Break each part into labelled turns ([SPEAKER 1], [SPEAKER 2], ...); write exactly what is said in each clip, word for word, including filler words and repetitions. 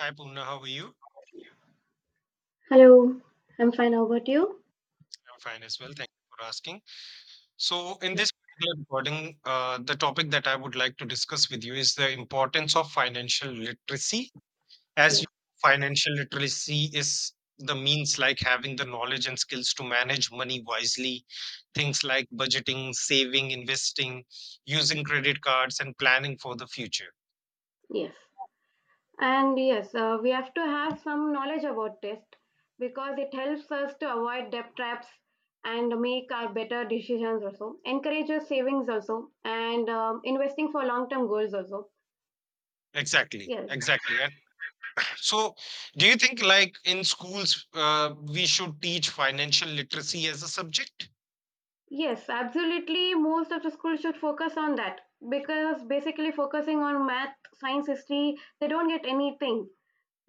[SPEAKER 1] Hi, Poorna. How are you?
[SPEAKER 2] Hello, I'm fine. How about you?
[SPEAKER 1] I'm fine as well. Thank you for asking. So, in
[SPEAKER 2] Yes.
[SPEAKER 1] this particular recording, uh, the topic that I would like to discuss with you is the importance of financial literacy. As you
[SPEAKER 2] Yes,
[SPEAKER 1] Financial literacy is the means, like having the knowledge and skills to manage money wisely, things like budgeting, saving, investing, using credit cards, and planning for the future.
[SPEAKER 2] yes. And yes, uh, we have to have some knowledge about test because it helps us to avoid debt traps and make our better decisions also, encourages savings also, and um, investing for long term goals also.
[SPEAKER 1] Exactly,
[SPEAKER 2] Yes,
[SPEAKER 1] exactly. So, do you think like in schools uh, we should teach financial literacy as a subject?
[SPEAKER 2] yes, absolutely. Most of the schools should focus on that because basically focusing on math, science, history, they don't get anything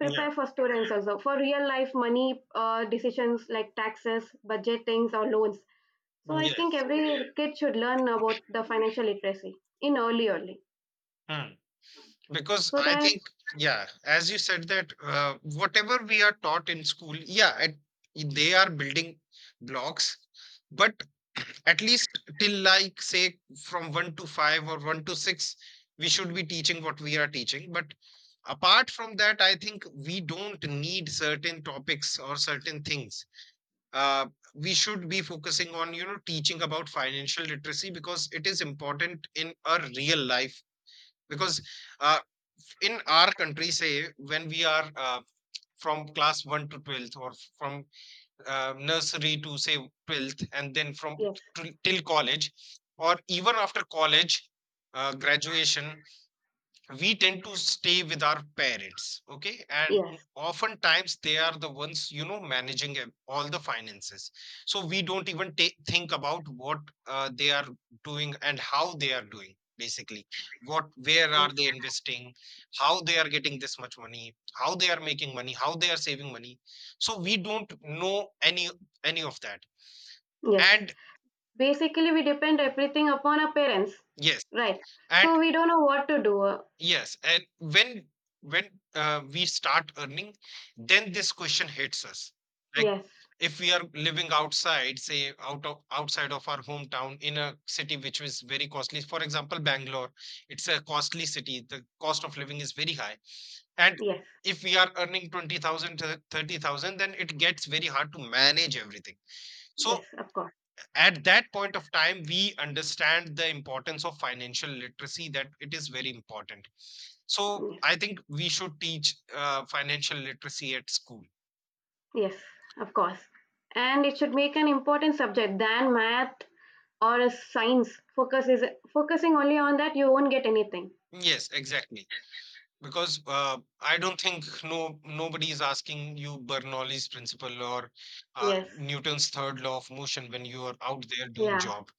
[SPEAKER 1] Yeah.
[SPEAKER 2] for students also for real life money uh, decisions like taxes budgetings or loans. So I think
[SPEAKER 1] Yes.
[SPEAKER 2] every kid should learn about the financial literacy in early early,
[SPEAKER 1] Hmm. Because
[SPEAKER 2] so
[SPEAKER 1] I
[SPEAKER 2] that
[SPEAKER 1] think, yeah, as you said that uh, whatever we are taught in school, yeah, at, they are building blocks, but at least till like say from one to five or one to six, we should be teaching what we are teaching. But apart from that, I think we don't need certain topics or certain things, uh, we should be focusing on, you know, teaching about financial literacy because it is important in our real life, because uh, in our country, say when we are uh, from class one to twelfth, or from uh, nursery to say twelfth, and then from
[SPEAKER 2] yes,
[SPEAKER 1] t- till college or even after college, uh, graduation, we tend to stay with our parents, okay,
[SPEAKER 2] yes,
[SPEAKER 1] and oftentimes they are the ones, you know, managing ev- all the finances. So we don't even take, think about what uh, they are doing and how they are doing, basically what, where
[SPEAKER 2] yes,
[SPEAKER 1] are they investing, how they are getting this much money, how they are making money, how they are saving money. So we don't know any any of that
[SPEAKER 2] yes.
[SPEAKER 1] and
[SPEAKER 2] Basically we depend everything upon our parents,
[SPEAKER 1] yes.
[SPEAKER 2] right? So we don't know what to do. Uh,
[SPEAKER 1] Yes, and when when uh, we start earning, then this question hits us. Like
[SPEAKER 2] yes,
[SPEAKER 1] if we are living outside, say out of outside of our hometown, in a city which is very costly. For example, Bangalore, it's a costly city. The cost of living is very high. And
[SPEAKER 2] yes,
[SPEAKER 1] if we are earning twenty thousand to thirty thousand, then it gets very hard to manage everything.
[SPEAKER 2] yes,
[SPEAKER 1] So
[SPEAKER 2] of course.
[SPEAKER 1] at that point of time we understand the importance of financial literacy, that it is very important. So
[SPEAKER 2] Yes,
[SPEAKER 1] I think we should teach uh, financial literacy at school.
[SPEAKER 2] yes, of course, and it should make an important subject than math or a science. focus is Focusing only on that you won't get anything.
[SPEAKER 1] Yes, exactly, because uh, I don't think no nobody is asking you Bernoulli's principle or uh,
[SPEAKER 2] Yes.
[SPEAKER 1] Newton's third law of motion when you are out there doing
[SPEAKER 2] Yeah,
[SPEAKER 1] job.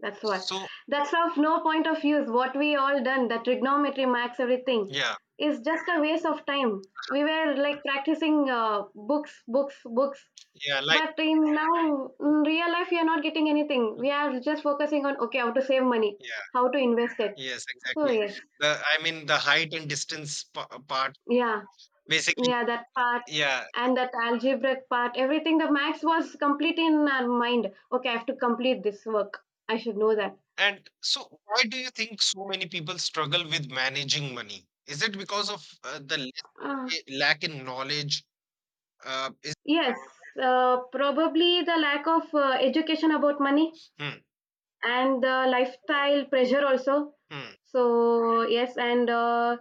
[SPEAKER 2] that's what.
[SPEAKER 1] So
[SPEAKER 2] That's of no point of use what we all done. The trigonometry max everything
[SPEAKER 1] yeah,
[SPEAKER 2] is just a waste of time. We were like practicing uh, books books books,
[SPEAKER 1] yeah, like
[SPEAKER 2] but in now in real life we are not getting anything. We are just focusing on, okay, how to save money,
[SPEAKER 1] yeah,
[SPEAKER 2] how to invest it.
[SPEAKER 1] yes,
[SPEAKER 2] So
[SPEAKER 1] exactly.
[SPEAKER 2] yes.
[SPEAKER 1] The, I mean, the height and distance pa- part,
[SPEAKER 2] Yeah,
[SPEAKER 1] basically,
[SPEAKER 2] yeah, that part.
[SPEAKER 1] yeah.
[SPEAKER 2] And that algebraic part, everything, the max was complete in our mind. Okay, I have to complete this work, I should know that.
[SPEAKER 1] And so, why do you think so many people struggle with managing money? Is it because of uh, the
[SPEAKER 2] uh,
[SPEAKER 1] less- lack in knowledge? Uh, is
[SPEAKER 2] yes, uh, probably the lack of uh, education about money,
[SPEAKER 1] Hmm,
[SPEAKER 2] and the lifestyle pressure also.
[SPEAKER 1] hmm,
[SPEAKER 2] So yes. And uh,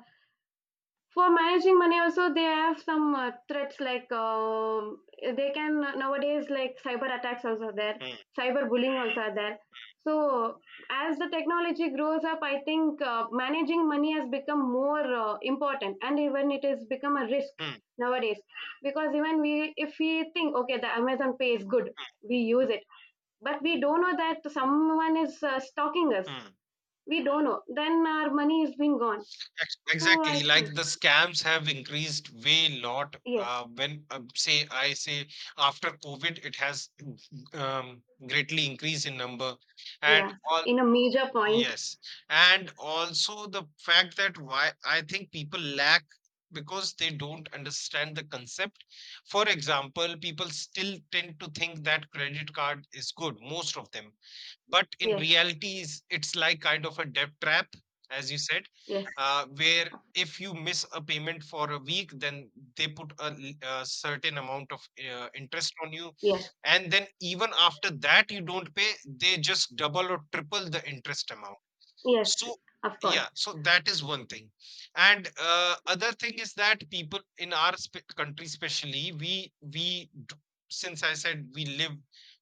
[SPEAKER 2] for managing money also they have some uh, threats like um they can nowadays, like cyber attacks also are there,
[SPEAKER 1] hmm,
[SPEAKER 2] cyber bullying also are there. So as the technology grows up, I think uh, managing money has become more uh, important, and even it has become a risk
[SPEAKER 1] hmm,
[SPEAKER 2] nowadays. Because even we, if we think, okay, the Amazon Pay is good, we use it, but we don't know that someone is uh, stalking us.
[SPEAKER 1] hmm. Hmm.
[SPEAKER 2] We don't know, then our money is been gone.
[SPEAKER 1] Ex-
[SPEAKER 2] So I
[SPEAKER 1] Exactly, like the
[SPEAKER 2] think
[SPEAKER 1] scams have increased way lot.
[SPEAKER 2] yes.
[SPEAKER 1] Uh, when uh, say I say after COVID, it has um, greatly increased in number, and
[SPEAKER 2] Yeah,
[SPEAKER 1] all.
[SPEAKER 2] in a major point.
[SPEAKER 1] Yes. And also the fact that why I think people lack, because they don't understand the concept. For example, people still tend to think that credit card is good, most of them. But in
[SPEAKER 2] Yes,
[SPEAKER 1] reality, is it's like kind of a debt trap, as you said,
[SPEAKER 2] yes,
[SPEAKER 1] uh, where if you miss a payment for a week, then they put a, l- a certain amount of uh, interest on you.
[SPEAKER 2] yes,
[SPEAKER 1] And then even after that, you don't pay, they just double or triple the interest amount.
[SPEAKER 2] yes,
[SPEAKER 1] So
[SPEAKER 2] of course.
[SPEAKER 1] yeah, so that is one thing. And uh, other thing is that people in our sp country, especially, we we d- since I said we live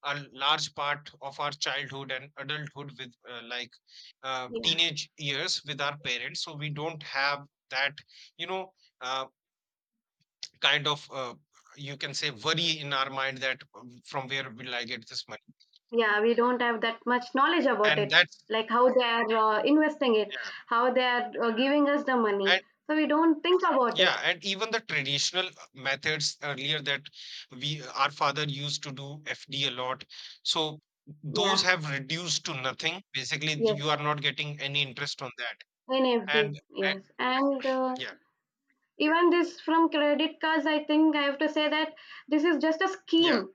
[SPEAKER 1] a large part of our childhood and adulthood with uh, like uh,
[SPEAKER 2] Yeah,
[SPEAKER 1] teenage years with our parents, so we don't have that, you know, uh, kind of uh, you can say worry in our mind that um, from where will I get this money?
[SPEAKER 2] yeah, we don't have that much knowledge about
[SPEAKER 1] And
[SPEAKER 2] it,
[SPEAKER 1] that's
[SPEAKER 2] like how they are uh, investing it, how they are uh, giving us the money.
[SPEAKER 1] yeah.
[SPEAKER 2] So we don't think about it.
[SPEAKER 1] Yeah, and even the traditional uh, methods earlier, that we our father used to do F D a lot. So those
[SPEAKER 2] Yeah,
[SPEAKER 1] have reduced to nothing. Basically,
[SPEAKER 2] yes,
[SPEAKER 1] you are not getting any interest on that.
[SPEAKER 2] N F Ds,
[SPEAKER 1] And I,
[SPEAKER 2] yes. And uh,
[SPEAKER 1] yeah,
[SPEAKER 2] even this from credit cards, I think I have to say that this is just a
[SPEAKER 1] yeah,
[SPEAKER 2] scheme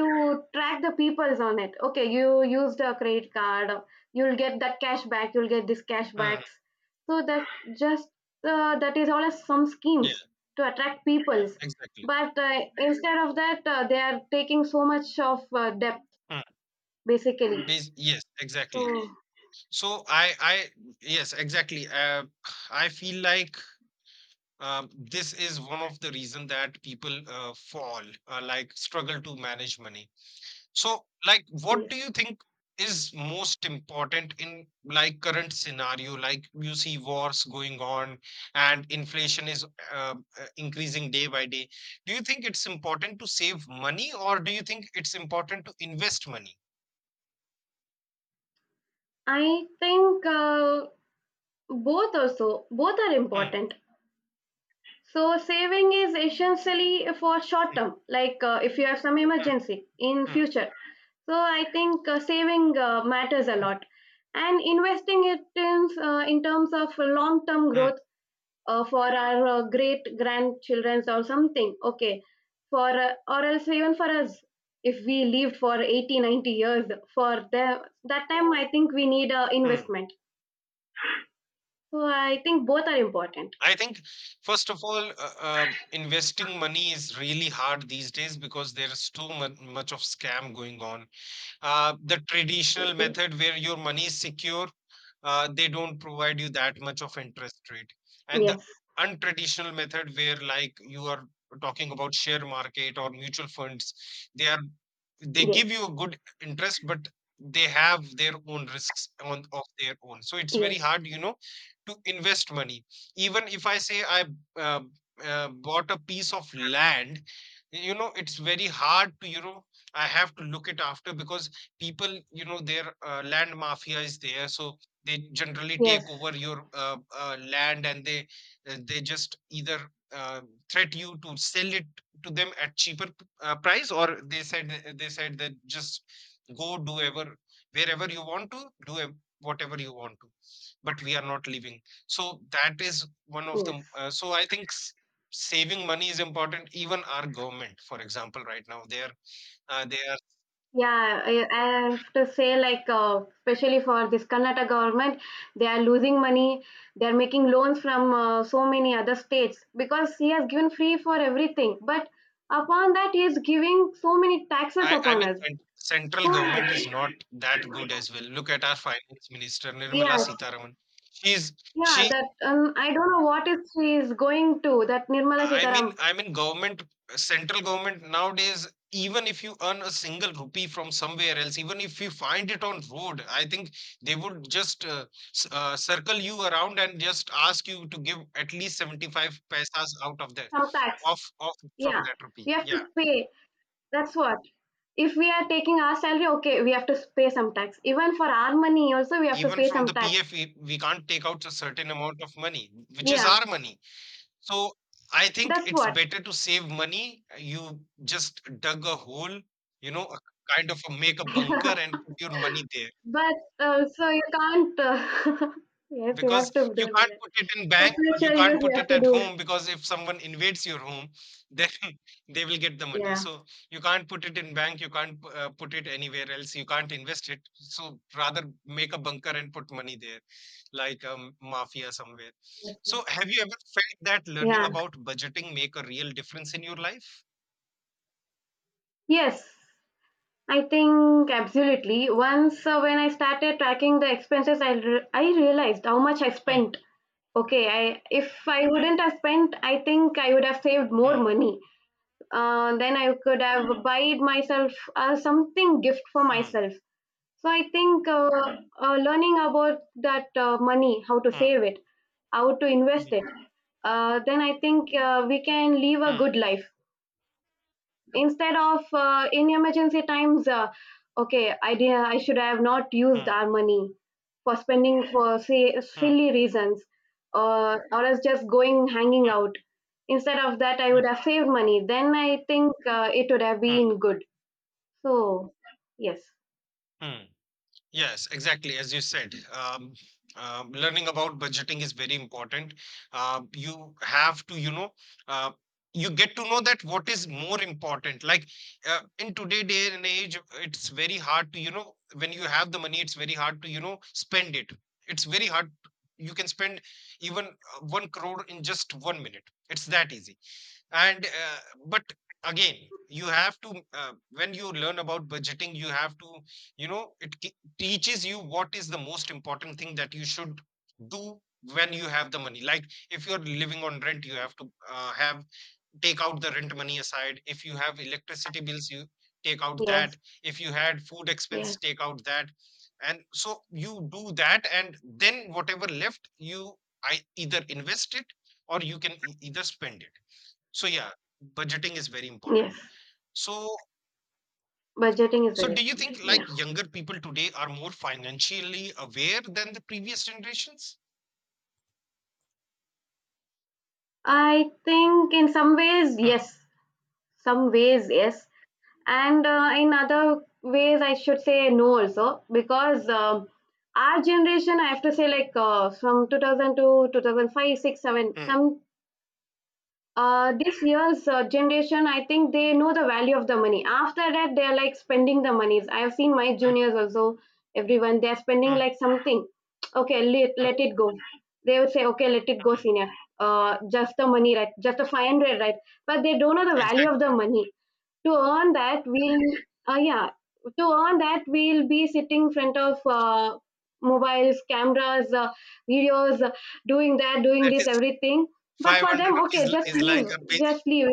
[SPEAKER 2] to track the peoples on it. Okay, you used a credit card, you'll get that cash back, you'll get this cash
[SPEAKER 1] mhm,
[SPEAKER 2] backs. So that just uh, that is all as some
[SPEAKER 1] yeah,
[SPEAKER 2] schemes to attract peoples.
[SPEAKER 1] exactly.
[SPEAKER 2] But uh, instead of that, uh, they are taking so much of uh, debt
[SPEAKER 1] Mm.
[SPEAKER 2] basically.
[SPEAKER 1] Bas- yes,
[SPEAKER 2] So
[SPEAKER 1] exactly. So I, I, yes, exactly. Uh, I feel like um, this is one of the reason that people uh, fall, uh, like struggle to manage money. So, like, what
[SPEAKER 2] yes,
[SPEAKER 1] do you think is most important in like current scenario? Like, you see wars going on and inflation is uh, uh, increasing day by day. Do you think it's important to save money or do you think it's important to invest money?
[SPEAKER 2] I think uh, both also both are
[SPEAKER 1] Hmm.
[SPEAKER 2] important. So saving is essentially for short
[SPEAKER 1] Hmm.
[SPEAKER 2] term, like uh, if you have some
[SPEAKER 1] Hmm.
[SPEAKER 2] emergency in
[SPEAKER 1] Hmm.
[SPEAKER 2] future. So I think uh, saving uh, matters a lot, and investing it in uh, in terms of long term
[SPEAKER 1] Hmm. Hmm.
[SPEAKER 2] growth, uh, for our uh, great grandchildrens or something. Okay, for uh, or else even for us, if we lived for eighty ninety years, for the, that time I think we need a
[SPEAKER 1] Hmm.
[SPEAKER 2] investment. So I think both are important.
[SPEAKER 1] I think, first of all, uh, uh, investing money is really hard these days because there's too mu- much of scam going on. Uh, the traditional method where your money is secure, uh, they don't provide you that much of interest rate, and the
[SPEAKER 2] Yes,
[SPEAKER 1] untraditional method where like you are talking about share market or mutual funds, they are they give
[SPEAKER 2] yes,
[SPEAKER 1] you a good interest, but they have their own risks on of their own, so it's very
[SPEAKER 2] yes.
[SPEAKER 1] hard, you know, to invest money. Even if I say I uh, uh, bought a piece of land, you know, it's very hard to, you know, I have to look it after because people, you know, their uh, land mafia is there, so they generally
[SPEAKER 2] Yes,
[SPEAKER 1] take over your uh, uh, land, and they uh, they just either uh, threat you to sell it to them at cheaper p- uh, price, or they said they said that just go do ever wherever you want to do ev- whatever you want to, but we are not living. So that is one of the,
[SPEAKER 2] yes.
[SPEAKER 1] uh, so I think s- saving money is important. Even our government, for example, right now they are uh, they are
[SPEAKER 2] Yeah, I, I have to say, like, uh, especially for this Karnataka government, they are losing money. They are making loans from uh, so many other states because he has given free for everything. But upon that, he is giving so many taxes
[SPEAKER 1] I, I
[SPEAKER 2] upon
[SPEAKER 1] mean,
[SPEAKER 2] us.
[SPEAKER 1] cent- central
[SPEAKER 2] So
[SPEAKER 1] government
[SPEAKER 2] much.
[SPEAKER 1] is not that good as well. Look at our finance minister Nirmala
[SPEAKER 2] Yes.
[SPEAKER 1] Sitaraman. She's
[SPEAKER 2] Yeah,
[SPEAKER 1] she.
[SPEAKER 2] that um, I don't know what is she is going to, that Nirmala
[SPEAKER 1] I mean,
[SPEAKER 2] Sitaram.
[SPEAKER 1] I mean, government, central government nowadays. Even if you earn a single rupee from somewhere else, even if you find it on road, I think they would just uh, s- uh, circle you around and just ask you to give at least seventy five paisas out of that,
[SPEAKER 2] Some tax.
[SPEAKER 1] off off from
[SPEAKER 2] Yeah,
[SPEAKER 1] that
[SPEAKER 2] we
[SPEAKER 1] rupee.
[SPEAKER 2] have to
[SPEAKER 1] Yeah,
[SPEAKER 2] pay. That's what. If we are taking our salary, okay, we have to pay some tax. Even for our money, also we have to
[SPEAKER 1] even
[SPEAKER 2] pay
[SPEAKER 1] from
[SPEAKER 2] some
[SPEAKER 1] the
[SPEAKER 2] tax.
[SPEAKER 1] P F, we, we can't take out a certain amount of money, which is
[SPEAKER 2] Yeah,
[SPEAKER 1] our money. So I think
[SPEAKER 2] that's
[SPEAKER 1] it's
[SPEAKER 2] what.
[SPEAKER 1] better to save money. You just dug a hole, you know, a kind of a make a bunker and put your money there,
[SPEAKER 2] But uh, so you can't. Uh, yes, you have
[SPEAKER 1] because
[SPEAKER 2] to do
[SPEAKER 1] you
[SPEAKER 2] like
[SPEAKER 1] can't
[SPEAKER 2] that
[SPEAKER 1] put it in
[SPEAKER 2] for
[SPEAKER 1] bank, you
[SPEAKER 2] future
[SPEAKER 1] can't
[SPEAKER 2] use. You
[SPEAKER 1] put
[SPEAKER 2] have
[SPEAKER 1] it
[SPEAKER 2] to
[SPEAKER 1] at
[SPEAKER 2] do.
[SPEAKER 1] home because if someone invades your home, then they will get the money.
[SPEAKER 2] Yeah.
[SPEAKER 1] So you can't put it in bank, you can't uh, put it anywhere else, you can't invest it. So rather make a bunker and put money there, like um, mafia somewhere.
[SPEAKER 2] That's what.
[SPEAKER 1] So have you ever felt that learning
[SPEAKER 2] Yeah.
[SPEAKER 1] about budgeting make a real difference in your life?
[SPEAKER 2] Yes. I think absolutely. Once uh, when I started tracking the expenses, I re- I realized how much I
[SPEAKER 1] ఆ!
[SPEAKER 2] spent. Okay, I if I wouldn't have spent, I think I would have saved
[SPEAKER 1] ఆ!
[SPEAKER 2] more money. Uh, then I could have buy myself uh, something gift for
[SPEAKER 1] ఆ!
[SPEAKER 2] myself. So I think uh, uh, learning about that uh, money, how to
[SPEAKER 1] ఆ!
[SPEAKER 2] save it, how to
[SPEAKER 1] హ్మ్.
[SPEAKER 2] invest it, uh, then I think uh, we can live a
[SPEAKER 1] ఆ!
[SPEAKER 2] good life, instead of uh, in emergency times, uh, okay, i did, I should have not
[SPEAKER 1] ఆ!
[SPEAKER 2] used our money for spending for, say,
[SPEAKER 1] ఆ!
[SPEAKER 2] silly reasons, uh, or else just going hanging
[SPEAKER 1] ఆ!
[SPEAKER 2] out. Instead of that I
[SPEAKER 1] ఆ!
[SPEAKER 2] would have saved money, then I think uh, it would have
[SPEAKER 1] ఆ!
[SPEAKER 2] been good. So yes.
[SPEAKER 1] ఆ! Yes, exactly, as you said, um, um, learning about budgeting is very important. Um, you have to, you know, uh, you get to know that what is more important. Like uh, in today day and age, it's very hard to, you know, when you have the money, it's very hard to, you know, spend it. It's very hard. You can spend even uh, one crore in just one minute. It's that easy. And uh, but again, you have to uh, when you learn about budgeting. You have to, you know, it ke- teaches you what is the most important thing that you should do when you have the money. Like if you're living on rent, you have to, uh, have take out the rent money aside if you have electricity bills, you take out that,
[SPEAKER 2] Yes,
[SPEAKER 1] if you had food
[SPEAKER 2] yes,
[SPEAKER 1] expense, take out that, and so you do that, and then whatever left, you I either invest it or you can e- either spend it. So yeah, budgeting is very important.
[SPEAKER 2] yes.
[SPEAKER 1] So
[SPEAKER 2] Budgeting is
[SPEAKER 1] so
[SPEAKER 2] very
[SPEAKER 1] do you
[SPEAKER 2] important.
[SPEAKER 1] think like
[SPEAKER 2] Yeah,
[SPEAKER 1] younger people today are more financially aware than the previous generations?
[SPEAKER 2] I think in some ways
[SPEAKER 1] Hmm,
[SPEAKER 2] yes, some ways yes, and uh, in other ways I should say no also, because um, our generation, I have to say, like, uh, from two thousand to two thousand five, 6, 7,
[SPEAKER 1] hmm,
[SPEAKER 2] some uh, this year's uh, generation, I think they know the value of the money. After that they are like spending the monies. I have seen my
[SPEAKER 1] hmm,
[SPEAKER 2] juniors also, everyone they are spending
[SPEAKER 1] hmm,
[SPEAKER 2] like something. Okay, let,
[SPEAKER 1] hmm,
[SPEAKER 2] let it go. They would say, okay, let it go,
[SPEAKER 1] hmm.
[SPEAKER 2] senior. Uh, just the money, right? Just the five hundred, right? But they don't know the value of
[SPEAKER 1] Exactly.
[SPEAKER 2] the money to earn that we'll. Uh, yeah, to earn that we'll be sitting in front of uh, mobiles, cameras, uh, videos, uh, doing that, doing
[SPEAKER 1] That
[SPEAKER 2] this,
[SPEAKER 1] is
[SPEAKER 2] everything. But for
[SPEAKER 1] five hundred
[SPEAKER 2] them,
[SPEAKER 1] rupees
[SPEAKER 2] okay,
[SPEAKER 1] li-
[SPEAKER 2] just
[SPEAKER 1] is
[SPEAKER 2] leave,
[SPEAKER 1] like a big.
[SPEAKER 2] just leave.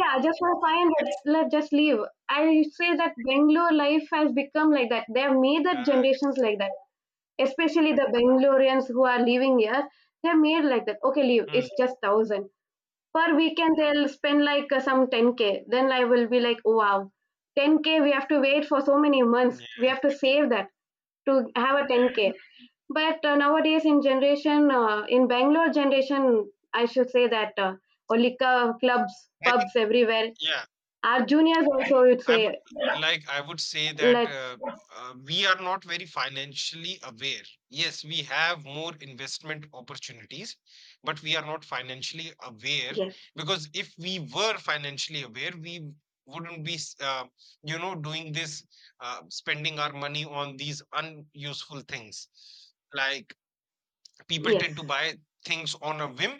[SPEAKER 2] Yeah, just for fine, but
[SPEAKER 1] It's,
[SPEAKER 2] let just leave. I say that Bangalore life has become like that, they have made that
[SPEAKER 1] uh,
[SPEAKER 2] generations like that, especially the Bangaloreans who are living here. They're made like that, okay, leave,
[SPEAKER 1] hmm,
[SPEAKER 2] it's just thousand per weekend. They'll spend like uh, some ten k, then I will be like, oh wow, ten k we have to wait for so many months,
[SPEAKER 1] yeah,
[SPEAKER 2] we have to
[SPEAKER 1] exactly.
[SPEAKER 2] save that to have a ten k. But uh, nowadays in generation, uh, in Bangalore generation, I should say that uh, only cu- clubs,
[SPEAKER 1] I think
[SPEAKER 2] pubs everywhere.
[SPEAKER 1] yeah.
[SPEAKER 2] Our juniors also would
[SPEAKER 1] I
[SPEAKER 2] say
[SPEAKER 1] would like I would say that
[SPEAKER 2] let's.
[SPEAKER 1] uh, uh, we are not very financially aware. Yes, we have more investment opportunities, but we are not financially aware,
[SPEAKER 2] Yes,
[SPEAKER 1] because if we were financially aware, we wouldn't be s- uh, you know, doing this, uh, spending our money on these unuseful things. Like people
[SPEAKER 2] yes.
[SPEAKER 1] tend to buy things on a whim,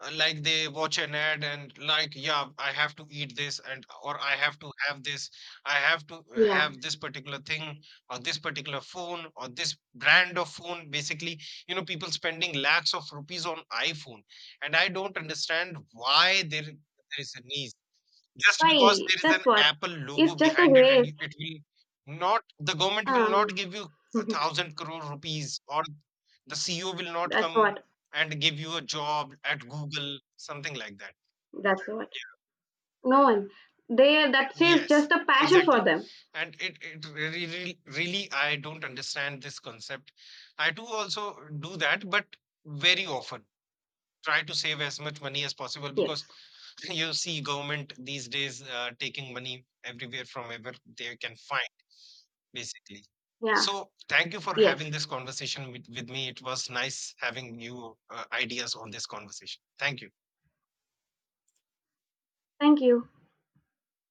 [SPEAKER 1] uh, like they watch an ad and like, yeah, I have to eat this, and or I have to have this, I have to
[SPEAKER 2] Yeah,
[SPEAKER 1] have this particular thing, or this particular phone, or this brand of phone, basically. You know, people spending lakhs of rupees on iPhone, and I don't understand why there, there is a need. Just
[SPEAKER 2] why?
[SPEAKER 1] because there is
[SPEAKER 2] That's
[SPEAKER 1] an
[SPEAKER 2] what,
[SPEAKER 1] Apple
[SPEAKER 2] it's
[SPEAKER 1] logo
[SPEAKER 2] just a
[SPEAKER 1] behind it and
[SPEAKER 2] race.
[SPEAKER 1] you- it will not, the government will
[SPEAKER 2] um
[SPEAKER 1] not give you a thousand crore rupees, or the C E O will not
[SPEAKER 2] that's
[SPEAKER 1] come
[SPEAKER 2] what.
[SPEAKER 1] and give you a job at Google, something like that.
[SPEAKER 2] That's what.
[SPEAKER 1] Yeah.
[SPEAKER 2] No one. They That is just
[SPEAKER 1] Yes,
[SPEAKER 2] a passion for
[SPEAKER 1] exactly.
[SPEAKER 2] them.
[SPEAKER 1] And it, it really, really, really, I don't understand this concept. I do also do that, but very often try to save as much money as possible, because
[SPEAKER 2] Yes.
[SPEAKER 1] you see government these days uh, taking money everywhere from wherever they can find, basically.
[SPEAKER 2] Yeah.
[SPEAKER 1] So thank you for
[SPEAKER 2] Yes.
[SPEAKER 1] having this conversation with, with me. It was nice having you uh, ideas on this conversation. Thank you.
[SPEAKER 2] Thank you.